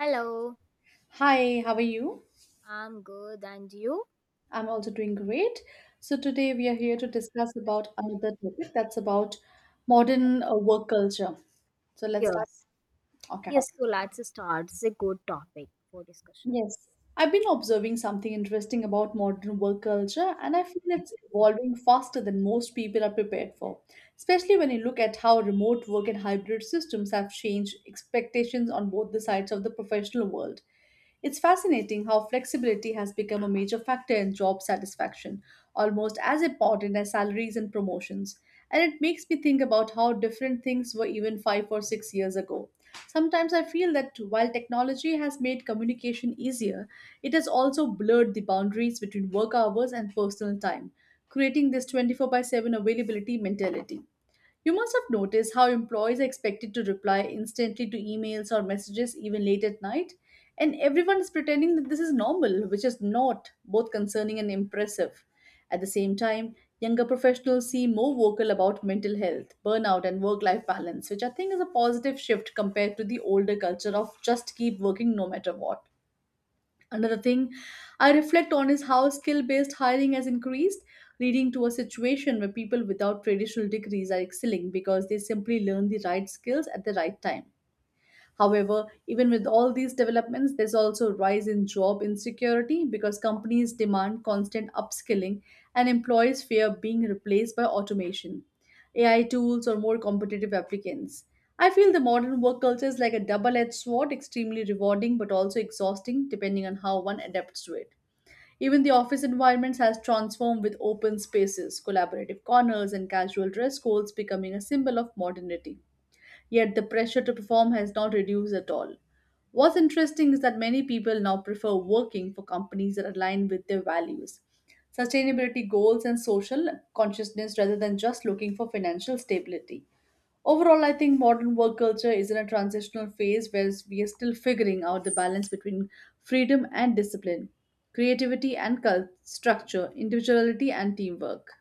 Hello, Hi, how are you? I'm good, and you? I'm also doing great. So today we are here to discuss about another topic that's about modern work culture. So let's start. Yes. Okay. Yes, so let's start. It's a good topic for discussion. Yes, I've been observing something interesting about modern work culture, and I feel it's evolving faster than most people are prepared for, especially when you look at how remote work and hybrid systems have changed expectations on both the sides of the professional world. It's fascinating how flexibility has become a major factor in job satisfaction, almost as important as salaries and promotions. And it makes me think about how different things were even 5 or 6 years ago. Sometimes I feel that while technology has made communication easier, it has also blurred the boundaries between work hours and personal time, creating this 24 by 7 availability mentality. You must have noticed how employees are expected to reply instantly to emails or messages even late at night, and everyone is pretending that this is normal, which is not both concerning and impressive. At the same time, younger professionals seem more vocal about mental health, burnout, and work life balance, which I think is a positive shift compared to the older culture of just keep working no matter what. Another thing I reflect on is how skill based hiring has increased, leading to a situation where people without traditional degrees are excelling because they simply learn the right skills at the right time. However, even with all these developments, there's also a rise in job insecurity because companies demand constant upskilling and employees fear being replaced by automation, AI tools, or more competitive applicants. I feel the modern work culture is like a double edged sword, extremely rewarding but also exhausting depending on how one adapts to it. Even the office environments has transformed with open spaces, collaborative corners, and casual dress codes becoming a symbol of modernity. Yet the pressure to perform has not reduced at all. What's interesting is that many people now prefer working for companies that align with their values, sustainability goals, and social consciousness rather than just looking for financial stability. Overall, I think modern work culture is in a transitional phase where we are still figuring out the balance between freedom and discipline, creativity and structure, individuality and teamwork.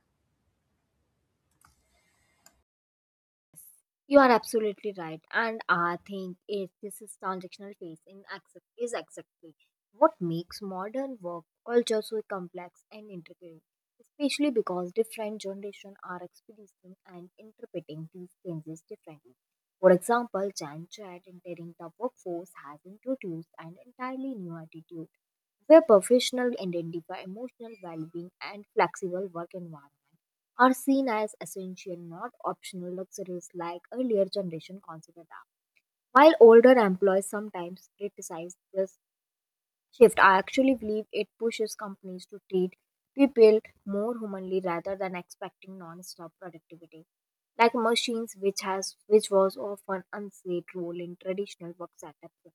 You are absolutely right, and I think this is transactional phase in exact, is exactly what makes modern work culture so complex and intricate, especially because different generations are experiencing and interpreting these changes differently. For example, Gen Z entering the workforce has introduced an entirely new attitude where professionals identify emotional well-being and flexible work environment are seen as essential, not optional luxuries like earlier generation considered them. While older employees sometimes criticize this shift, I actually believe it pushes companies to treat people more humanly rather than expecting non-stop productivity. Like machines, which has which was often unsaid role in traditional work setups.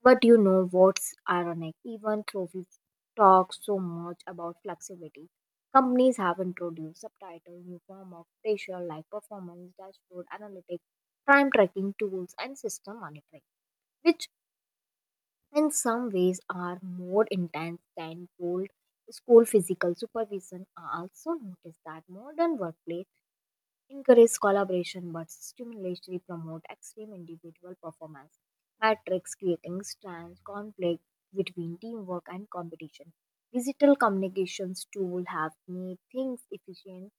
But you know what's ironic? Even though we talk so much about flexibility, companies have introduced subtitles, new form of facial like performance, dashboard analytics, time tracking tools, and system monitoring, which in some ways are more intense than old school physical supervision. I also noticed that modern workplace encourage collaboration but stimulatory promote extreme individual performance matrix creating strands conflict between teamwork and competition. Digital communications tool have made things efficient,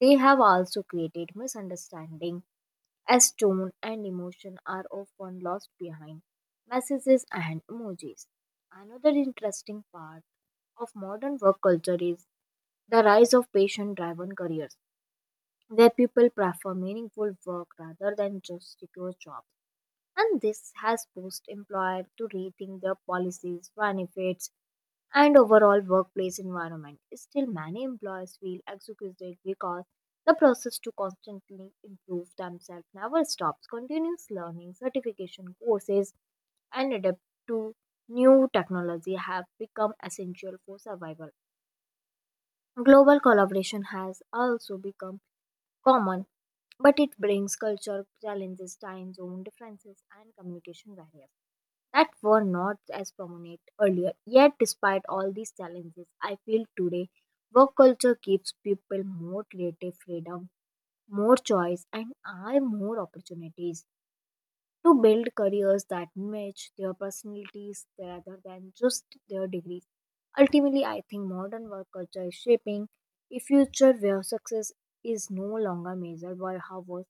they have also created misunderstanding as tone and emotion are often lost behind messages and emojis. Another interesting part of modern work culture is the rise of patient driven careers where people prefer meaningful work rather than just secure jobs. And this has pushed employers to rethink their policies, benefits, and overall workplace environment. Still, many employers feel exhausted because the process to constantly improve themselves never stops. Continuous learning, certification courses, and adapt to new technology have become essential for survival. Global collaboration has also become common, but it brings culture challenges, time zone differences, and communication barriers that were not as prominent earlier. Yet, despite all these challenges, I feel today work culture gives people more creative freedom, more choice, and I more opportunities to build careers that match their personalities rather than just their degrees. Ultimately, I think modern work culture is shaping a future where success is no longer measured by how was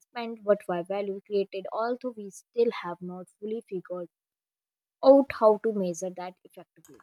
spent but by value created, although we still have not fully figured out how to measure that effectively.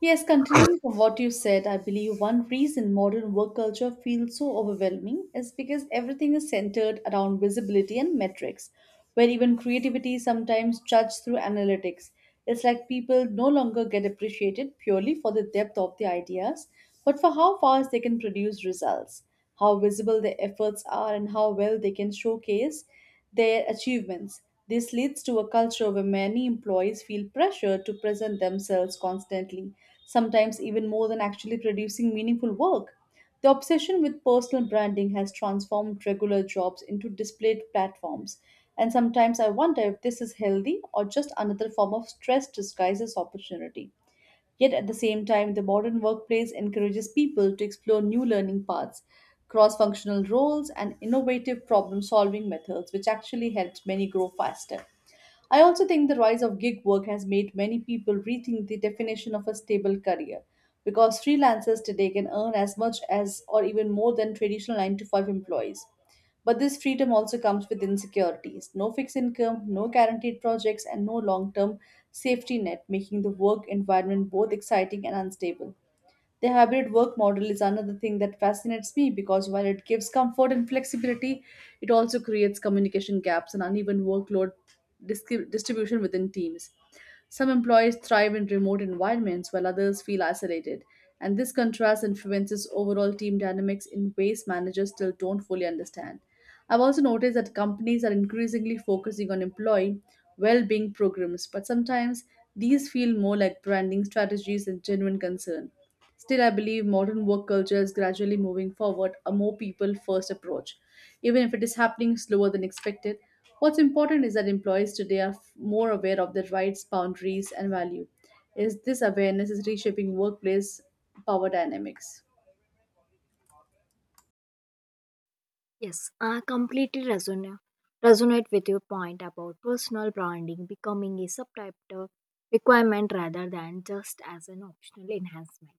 Yes, continuing from what you said, I believe one reason modern work culture feels so overwhelming is because everything is centered around visibility and metrics, where even creativity is sometimes judged through analytics. It's like people no longer get appreciated purely for the depth of the ideas, but for how fast they can produce results, how visible their efforts are, and how well they can showcase their achievements. This leads to a culture where many employees feel pressure to present themselves constantly, sometimes even more than actually producing meaningful work. The obsession with personal branding has transformed regular jobs into displayed platforms, and sometimes I wonder if this is healthy or just another form of stress disguised as opportunity. Yet at the same time, the modern workplace encourages people to explore new learning paths, cross functional roles, and innovative problem solving methods, which actually helps many grow faster. I also think the rise of gig work has made many people rethink the definition of a stable career because freelancers today can earn as much as or even more than traditional 9 to 5 employees. But this freedom also comes with insecurities, no fixed income, no guaranteed projects, and no long term safety net, making the work environment both exciting and unstable. The hybrid work model is another thing that fascinates me because while it gives comfort and flexibility, it also creates communication gaps and uneven workload dis- distribution within teams. Some employees thrive in remote environments while others feel isolated, and this contrast influences overall team dynamics in ways managers still don't fully understand. I've also noticed that companies are increasingly focusing on employee well being programs, but sometimes these feel more like branding strategies than genuine concern. Still, I believe modern work culture is gradually moving forward a more people first approach, even if it is happening slower than expected. What's important is that employees today are more aware of their rights, boundaries, and value. Is this awareness is reshaping workplace power dynamics? Yes, I completely resonate with your point about personal branding becoming a subtitle requirement rather than just as an optional enhancement.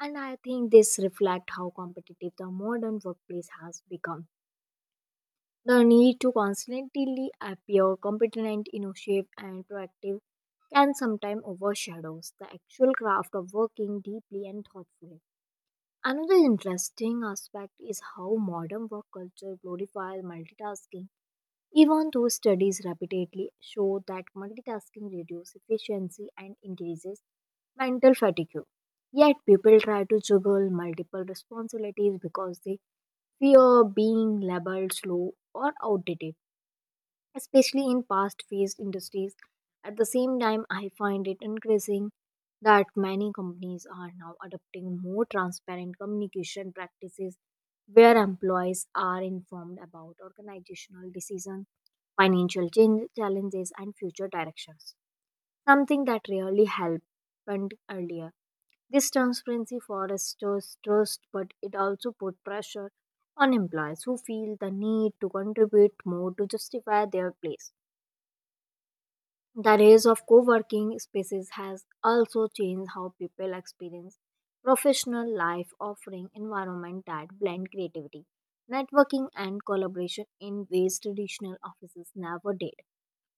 And I think this reflects how competitive the modern workplace has become. The need to constantly appear competent, innovative, and proactive can sometimes overshadows the actual craft of working deeply and thoughtfully. Another interesting aspect is how modern work culture glorifies multitasking even though studies repeatedly show that multitasking reduces efficiency and increases mental fatigue, yet people try to juggle multiple responsibilities because they fear being labeled slow or outdated especially in past phased industries. At the same time, I find it increasing that many companies are now adopting more transparent communication practices where employees are informed about organizational decisions, financial change, challenges, and future directions, something that really happened earlier. This transparency fosters trust, but it also puts pressure on employees who feel the need to contribute more to justify their place. The rise of co working spaces has also changed how people experience professional life, offering environment that blend creativity, networking, and collaboration in ways traditional offices never did.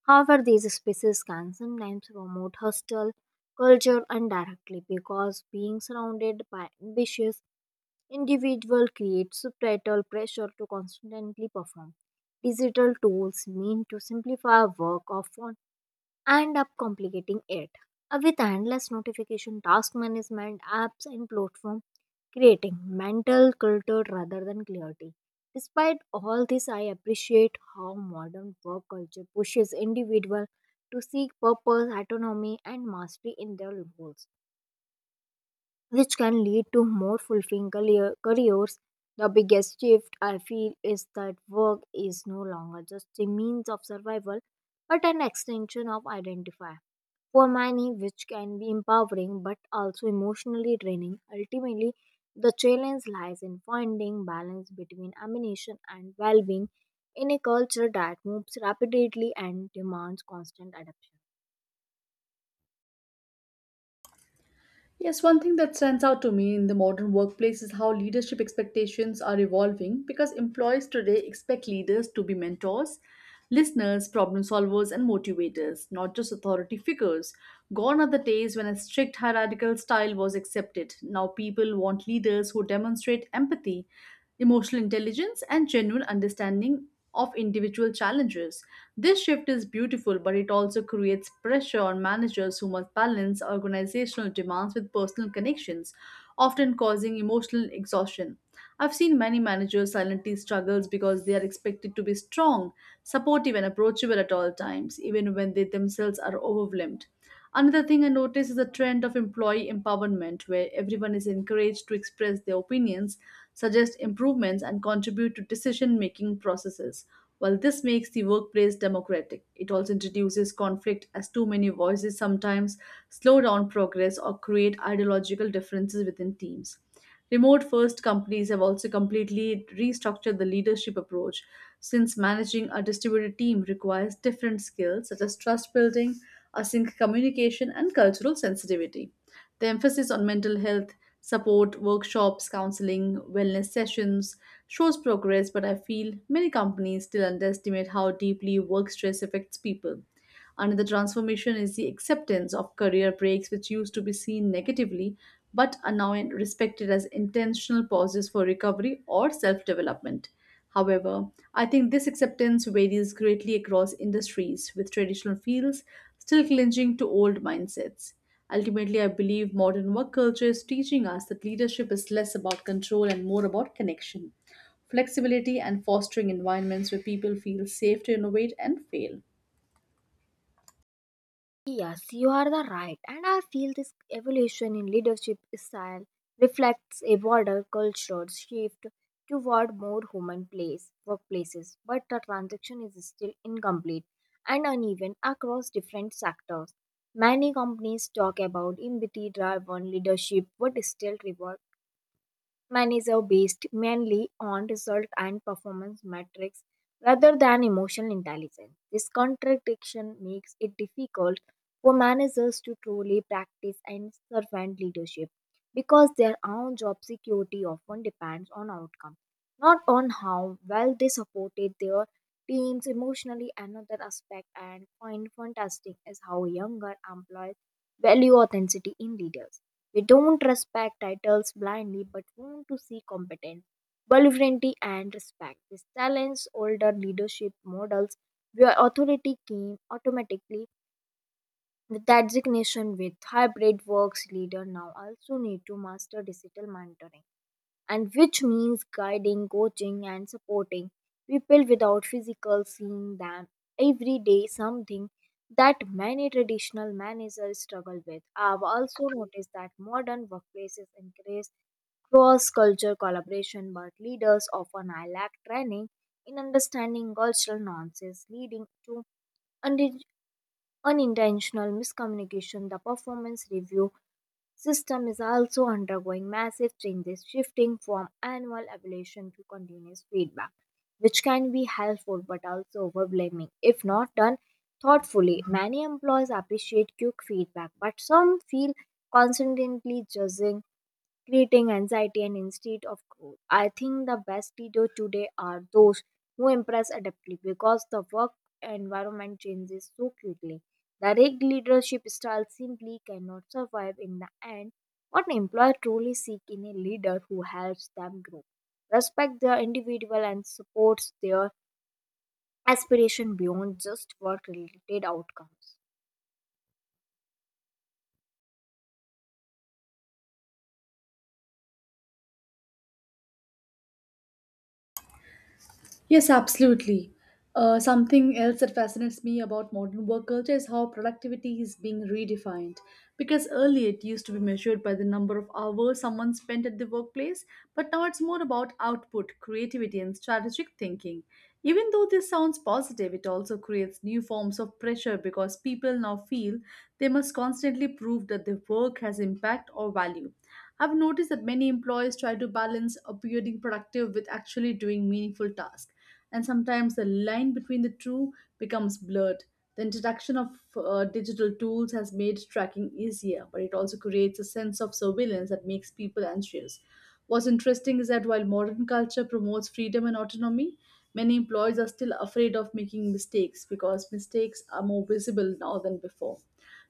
However, these spaces can sometimes promote hostile culture indirectly because being surrounded by ambitious individuals creates societal pressure to constantly perform. Digital tools mean to simplify work of and up complicating it. With endless notification task management apps and platform creating mental clutter rather than clarity. Despite all this, I appreciate how modern work culture pushes individuals to seek purpose autonomy and mastery in their goals which can lead to more fulfilling careers. The biggest shift I feel is that work is no longer just a means of survival but an extension of identity for many, which can be empowering but also emotionally draining. Ultimately, the challenge lies in finding balance between ambition and well being in a culture that moves rapidly and demands constant adaptation. Yes, one thing that stands out to me in the modern workplace is how leadership expectations are evolving because employees today expect leaders to be mentors, listeners, problem solvers, and motivators, not just authority figures. Gone are the days when a strict hierarchical style was accepted. Now people want leaders who demonstrate empathy, emotional intelligence, and genuine understanding of individual challenges. This shift is beautiful, but it also creates pressure on managers who must balance organizational demands with personal connections, often causing emotional exhaustion. I've seen many managers silently struggles because they are expected to be strong, supportive and approachable at all times, even when they themselves are overwhelmed. Another thing I notice is a trend of employee empowerment where everyone is encouraged to express their opinions, suggest improvements, and contribute to decision making processes. While this makes the workplace democratic, it also introduces conflict as too many voices sometimes slow down progress or create ideological differences within teams. Remote first companies have also completely restructured the leadership approach since managing a distributed team requires different skills such as trust building, I think communication and cultural sensitivity. The emphasis on mental health, support, workshops, counseling, wellness sessions shows progress, but I feel many companies still underestimate how deeply work stress affects people. Another transformation is the acceptance of career breaks, which used to be seen negatively but are now respected as intentional pauses for recovery or self development. However, I think this acceptance varies greatly across industries, with traditional fields still clinging to old mindsets. Ultimately, I believe modern work culture is teaching us that leadership is less about control and more about connection, flexibility, and fostering environments where people feel safe to innovate and fail. Yes, you are the right. And I feel this evolution in leadership style reflects a broader cultural shift toward more human place workplaces, but the transaction is still incomplete and uneven across different sectors. Many companies talk about empathy driven leadership but still reward Mine is are based mainly on result and performance metrics rather than emotional intelligence. This contradiction makes it difficult for managers to truly practice and servant leadership because their own job security often depends on outcome, not on how well they supported their teams emotionally. Another aspect and find fantastic is how younger employees value authenticity in leaders. We don't respect titles blindly but want to see competence, vulnerability, and respect. This challenge older leadership models where authority came automatically with designation. With hybrid works leader now also need to master digital mentoring and which means guiding, coaching, and supporting people without physical seeing them every day, something that many traditional managers struggle with. I've also noticed that modern workplaces encourage cross culture collaboration, but leaders often lack training in understanding cultural nuances, leading to unintentional miscommunication. The performance review system is also undergoing massive changes, shifting from annual evaluation to continuous feedback, which can be helpful but also overwhelming if not done thoughtfully. Many employees appreciate quick feedback, but some feel constantly judged, creating anxiety and instead of growth. I think the best leaders today are those who impress adeptly because the work environment changes so quickly. The rigged leadership style simply cannot survive in the end. What employer truly seek in a leader who helps them grow, respect their individual and supports their aspiration beyond just work-related outcomes. Yes, absolutely. Something else that fascinates me about modern work culture is how productivity is being redefined. Because earlier it used to be measured by the number of hours someone spent at the workplace, but now it's more about output, creativity, and strategic thinking. Even though this sounds positive, it also creates new forms of pressure because people now feel they must constantly prove that their work has impact or value. I've noticed that many employers try to balance appearing productive with actually doing meaningful tasks and sometimes the line between the two becomes blurred. The introduction of digital tools has made tracking easier, but it also creates a sense of surveillance that makes people anxious. What's interesting is that while modern culture promotes freedom and autonomy, many employees are still afraid of making mistakes because mistakes are more visible now than before.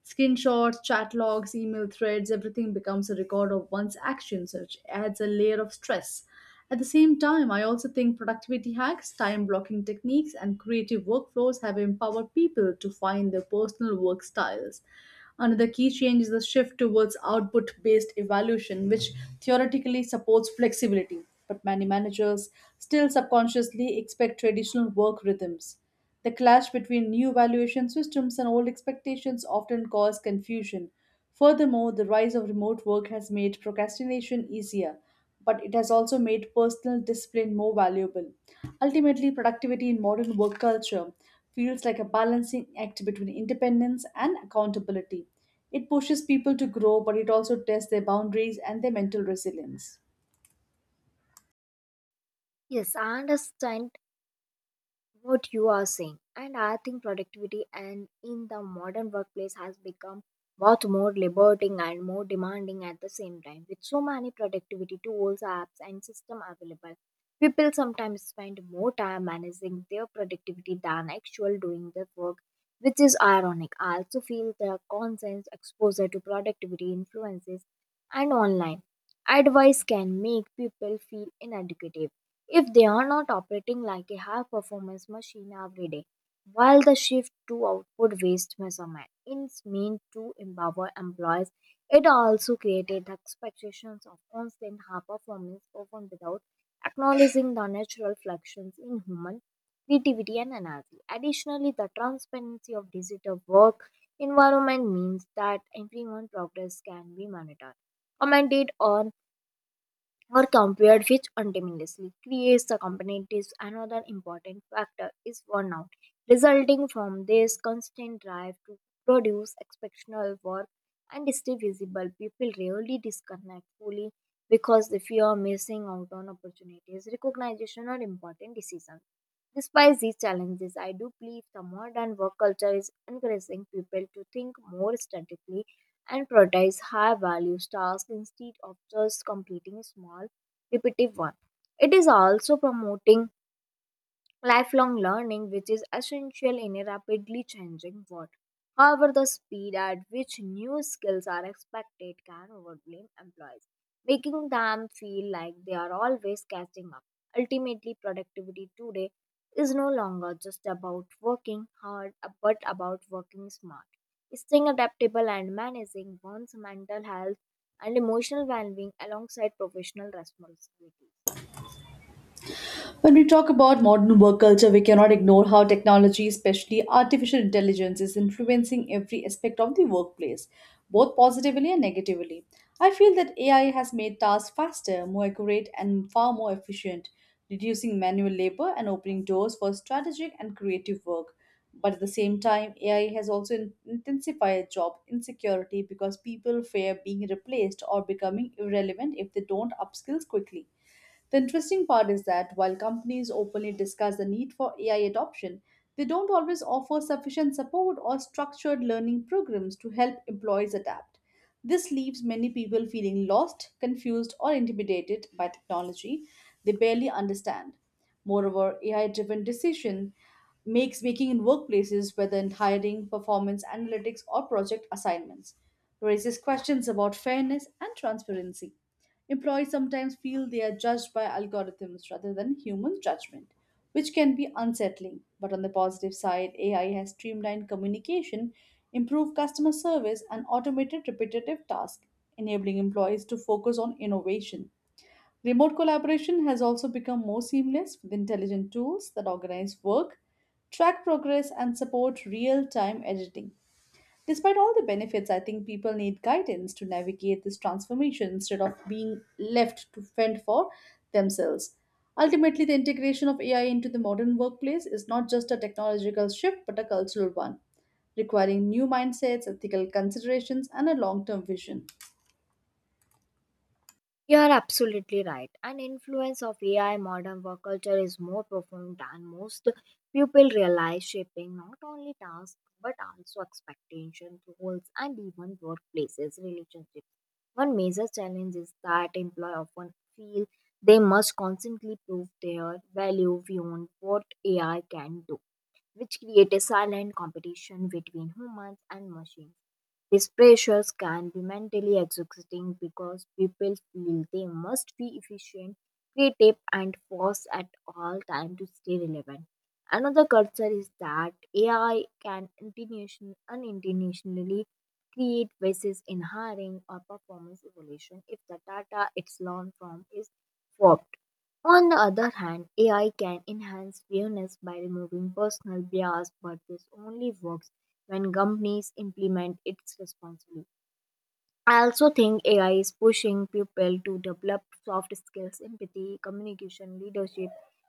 Screenshots, chat logs, email threads, everything becomes a record of one's actions, which adds a layer of stress. At the same time, I also think productivity hacks, time blocking techniques, and creative workflows have empowered people to find their personal work styles. Another key change is the shift towards output based evaluation, which theoretically supports flexibility, but many managers still subconsciously expect traditional work rhythms. The clash between new valuation systems and old expectations often cause confusion. Furthermore, the rise of remote work has made procrastination easier, but it has also made personal discipline more valuable. Ultimately, productivity in modern work culture feels like a balancing act between independence and accountability. It pushes people to grow, but it also tests their boundaries and their mental resilience. Yes, I understand what you are saying and I think productivity and in the modern workplace has become both more liberating and more demanding at the same time. With so many productivity tools apps and system available, people sometimes spend more time managing their productivity than actual doing their work, which is ironic. I also feel the constant exposure to productivity influences and online advice can make people feel inadequate if they are not operating like a high performance machine every day. While the shift to output based measurement is meant to empower employees, it also created the expectations of constant high performance often without acknowledging the natural fluctuations in human creativity and energy. Additionally, the transparency of digital work environment means that everyone's progress can be monitored, commented on, or compared, which ultimately creates the competitiveness. Another important factor is burnout, resulting from this constant drive to produce exceptional work and stay visible. People rarely disconnect fully because they fear missing out on opportunities, recognition, or important decisions. Despite these challenges, I do believe the modern work culture is encouraging people to think more strategically and prioritize high value tasks instead of just completing small repetitive ones. It is also promoting lifelong learning, which is essential in a rapidly changing world. However, the speed at which new skills are expected can overwhelm employees, making them feel like they are always catching up. Ultimately, productivity today is no longer just about working hard, but about working smart, staying adaptable, and managing one's mental health and emotional well being alongside professional responsibilities. When we talk about modern work culture, we cannot ignore how technology, especially artificial intelligence, is influencing every aspect of the workplace, both positively and negatively. I feel that AI has made tasks faster, more accurate, and far more efficient, reducing manual labor and opening doors for strategic and creative work. But at the same time, AI has also intensified job insecurity because people fear being replaced or becoming irrelevant if they don't upskill quickly. The interesting part is that while companies openly discuss the need for AI adoption, they don't always offer sufficient support or structured learning programs to help employees adapt. This leaves many people feeling lost, confused, or intimidated by technology they barely understand. Moreover, AI driven decision makes making in workplaces, whether in hiring, performance analytics, or project assignments, raises questions about fairness and transparency. Employees sometimes feel they are judged by algorithms rather than human judgment, which can be unsettling. But on the positive side, AI has streamlined communication, improved customer service, and automated repetitive tasks, enabling employees to focus on innovation. Remote collaboration has also become more seamless with intelligent tools that organize work, track progress, and support real time editing. Despite all the benefits, I think people need guidance to navigate this transformation instead of being left to fend for themselves. Ultimately, the integration of AI into the modern workplace is not just a technological shift but a cultural one, requiring new mindsets, ethical considerations, and a long term vision. You are absolutely right. An influence of AI modern work culture is more profound than most people realize, shaping not only tasks but also expectations, roles, and even workplaces, relationships. One major challenge is that employees often feel they must constantly prove their value beyond what AI can do, which creates a silent competition between humans and machines. These pressures can be mentally exhausting because people feel they must be efficient, creative, and fast at all times to stay relevant. Another concern is that AI can unintentionally create biases in hiring or performance evaluation if the data it's learned from is warped. On the other hand, AI can enhance fairness by removing personal bias, but this only works when companies implement its responsibility. I also think AI is pushing people to develop soft skills, empathy, communication, leadership,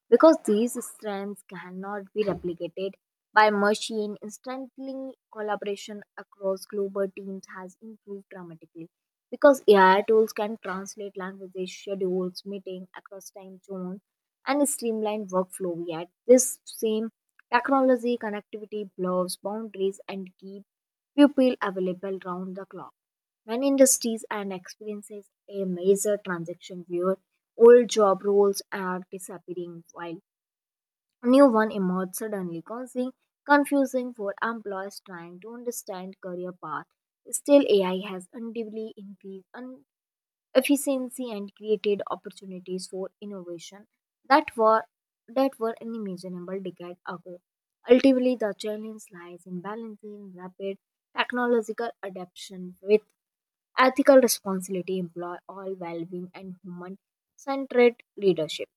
because these strengths cannot be replicated by machine. Instantly, collaboration across global teams has improved dramatically because AI tools can translate languages, schedules, meeting across time zones, and streamline workflow. Yet, this same technology connectivity blurs boundaries and keeps people available round the clock. When industries and experiences a major transaction where old job roles are disappearing while new one emerge suddenly, causing confusing for employers trying to understand career path. Still, AI has undoubtedly increased efficiency and created opportunities for innovation that were unimaginable decades ago. Ultimately, the challenge lies in balancing rapid technological adoption with ethical responsibility employ all well-being and human-centered leadership.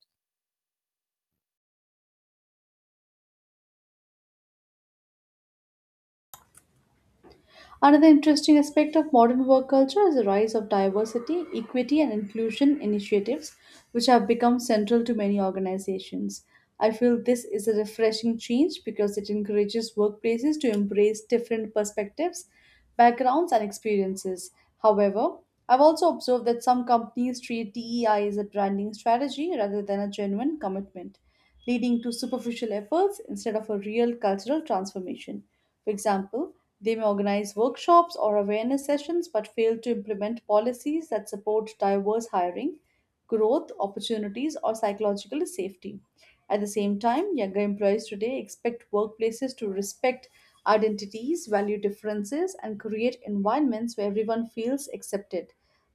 Another interesting aspect of modern work culture is the rise of diversity, equity, and inclusion initiatives, which have become central to many organizations. I feel this is a refreshing change because it encourages workplaces to embrace different perspectives, backgrounds, and experiences. However, I've also observed that some companies treat DEI as a branding strategy rather than a genuine commitment, leading to superficial efforts instead of a real cultural transformation. For example, they may organize workshops or awareness sessions but fail to implement policies that support diverse hiring, growth, opportunities, or psychological safety. At the same time, younger employees today expect workplaces to respect identities, value differences, and create environments where everyone feels accepted.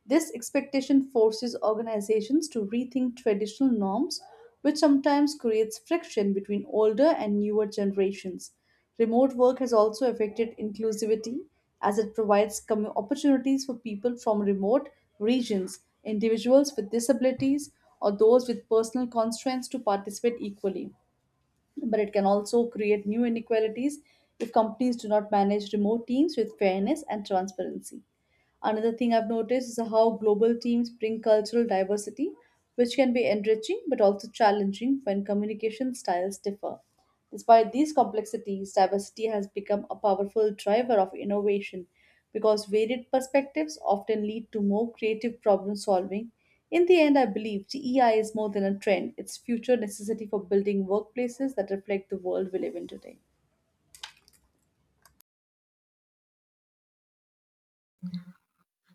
This expectation forces organizations to rethink traditional norms, which sometimes creates friction between older and newer generations. Remote work has also affected inclusivity as it provides opportunities for people from remote regions, individuals with disabilities, or those with personal constraints to participate equally. But it can also create new inequalities if companies do not manage remote teams with fairness and transparency. Another thing I've noticed is how global teams bring cultural diversity, which can be enriching but also challenging when communication styles differ. Despite these complexities, diversity has become a powerful driver of innovation because varied perspectives often lead to more creative problem solving. In the end, I believe DEI is more than a trend, it's future necessity for building workplaces that reflect the world we live in today.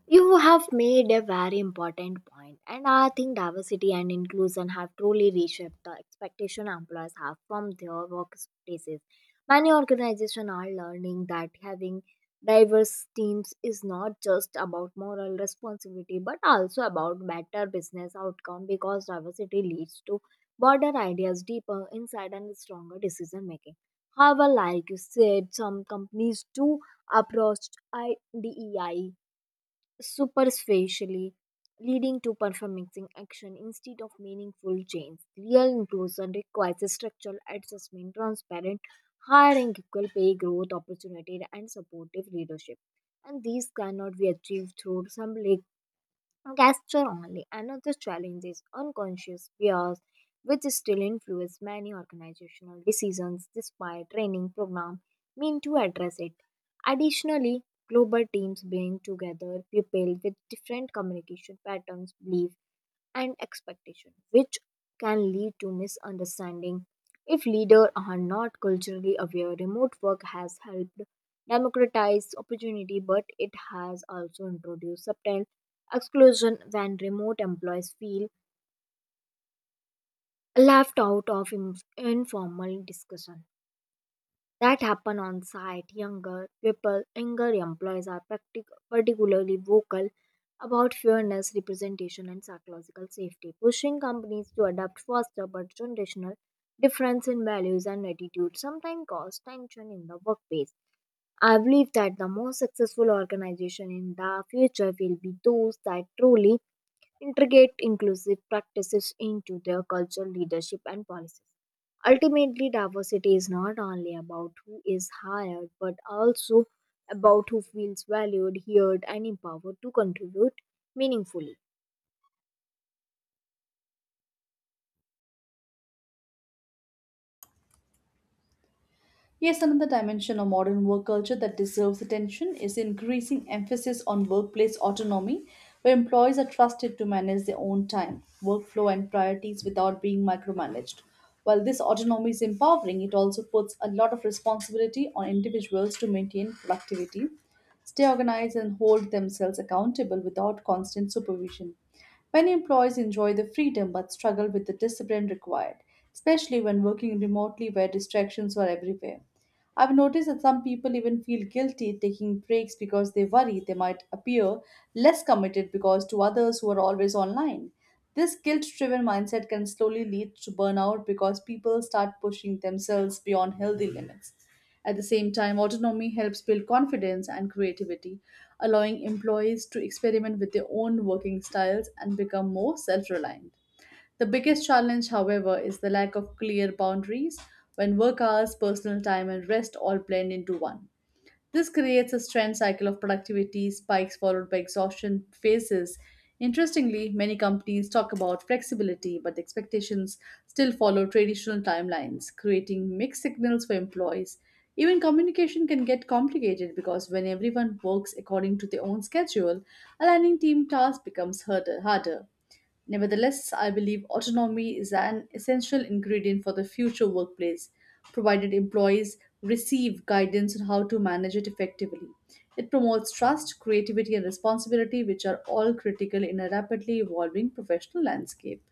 You have made a very important point, and I think diversity and inclusion have truly reshaped the expectation employers have from their workplaces. Many organizations are learning that having diverse teams is not just about moral responsibility but also about better business outcome because diversity leads to broader ideas, deeper insight, and stronger decision making. However, like you said, some companies do approach IDEI superficially, leading to performing action instead of meaningful change. Real inclusion requires structural adjustment, transparent hiring, equal pay, growth opportunity, and supportive leadership. And these cannot be achieved through some Gesture only. Another challenge is unconscious bias, which still influence many organizational decisions despite training programs meant to address it. Additionally, global teams bring together people with different communication patterns, beliefs, and expectation, which can lead to misunderstanding. If leaders are not culturally aware, remote work has helped democratize opportunity, but it has also introduced subtle exclusion when remote employees feel left out of informal discussion. That happen on site, younger people, younger employees are particularly vocal about fairness, representation, and psychological safety, pushing companies to adapt faster but generational difference in values and attitudes sometimes cause tension in the workplace. I believe that the most successful organization in the future will be those that truly integrate inclusive practices into their cultural leadership and policies. Ultimately, diversity is not only about who is hired, but also about who feels valued, heard, and empowered to contribute meaningfully. Yes, another dimension of modern work culture that deserves attention is the increasing emphasis on workplace autonomy, where employees are trusted to manage their own time, workflow, and priorities without being micromanaged. While this autonomy is empowering, it also puts a lot of responsibility on individuals to maintain productivity, stay organized, and hold themselves accountable without constant supervision. Many employees enjoy the freedom but struggle with the discipline required, especially when working remotely where distractions are everywhere. I've noticed that some people even feel guilty taking breaks because they worry they might appear less committed because to others who are always online. This guilt driven mindset can slowly lead to burnout because people start pushing themselves beyond healthy limits. At the same time, autonomy helps build confidence and creativity, allowing employees to experiment with their own working styles and become more self reliant. The biggest challenge, however, is the lack of clear boundaries when work hours, personal time, and rest all blend into one. This creates a strange cycle of productivity spikes followed by exhaustion phases. Interestingly, many companies talk about flexibility, but the expectations still follow traditional timelines, creating mixed signals for employees. Even communication can get complicated because when everyone works according to their own schedule, aligning team tasks becomes harder. Nevertheless, I believe autonomy is an essential ingredient for the future workplace, provided employees receive guidance on how to manage it effectively. It promotes trust, creativity, and responsibility, which are all critical in a rapidly evolving professional landscape.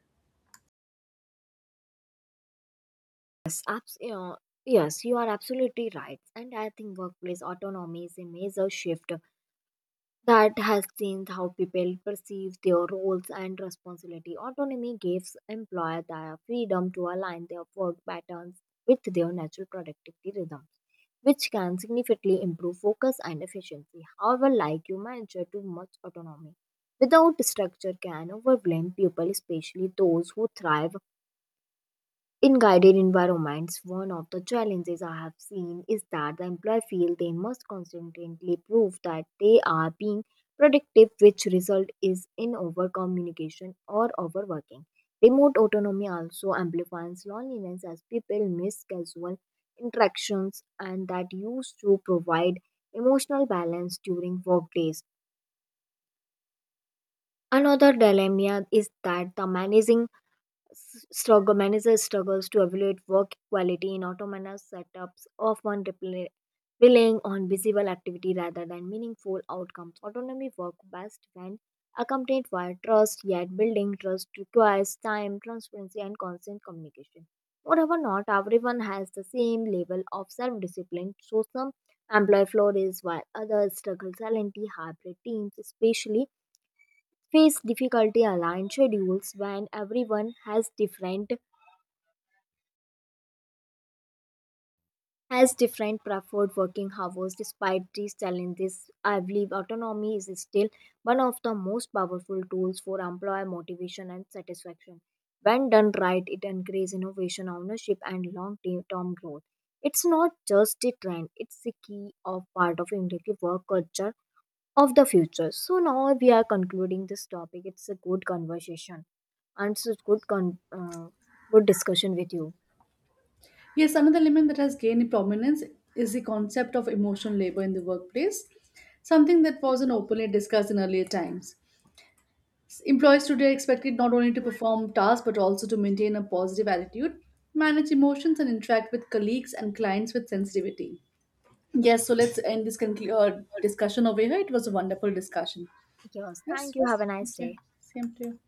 Yes, abs- uh, yes, you are absolutely right. And I think workplace autonomy is a major shift that has changed how people perceive their roles and responsibility. Autonomy gives employers the freedom to align their work patterns with their natural productivity rhythms, which can significantly improve focus and efficiency. However, like you mentioned, too much autonomy without structure can overwhelm people, especially those who thrive in guided environments. One of the challenges I have seen is that the employee feel they must constantly prove that they are being productive, which result is in over communication or overworking. Remote autonomy also amplifies loneliness as people miss casual interactions and that used to provide emotional balance during work days. Another dilemma is that the managing S- struggle managers struggles to evaluate work quality in autonomous setups often relying on visible activity rather than meaningful outcomes. Autonomy works best when accompanied by trust, yet building trust requires time transparency and constant communication. Moreover not everyone has the same level of self-discipline, so some employ florist while others struggle silently. Hybrid teams especially face difficulty aligned schedules when everyone has different preferred working hours. Despite these challenges, I believe autonomy is still one of the most powerful tools for employer motivation and satisfaction. When done right, it encourages innovation, ownership, and long-term growth. It's not just a trend; it's the key of part of indicative work culture of the future. So now we are concluding this topic. It's a good conversation and it's a good discussion with you. Yes, another element that has gained prominence is the concept of emotional labor in the workplace, something that wasn't openly discussed in earlier times. Employees today are expected not only to perform tasks but also to maintain a positive attitude, manage emotions, and interact with colleagues and clients with sensitivity. Yes, so let's end this discussion over here. It was a wonderful discussion. Yes, thank Yes, you. Have a nice thank you. day. Same to you.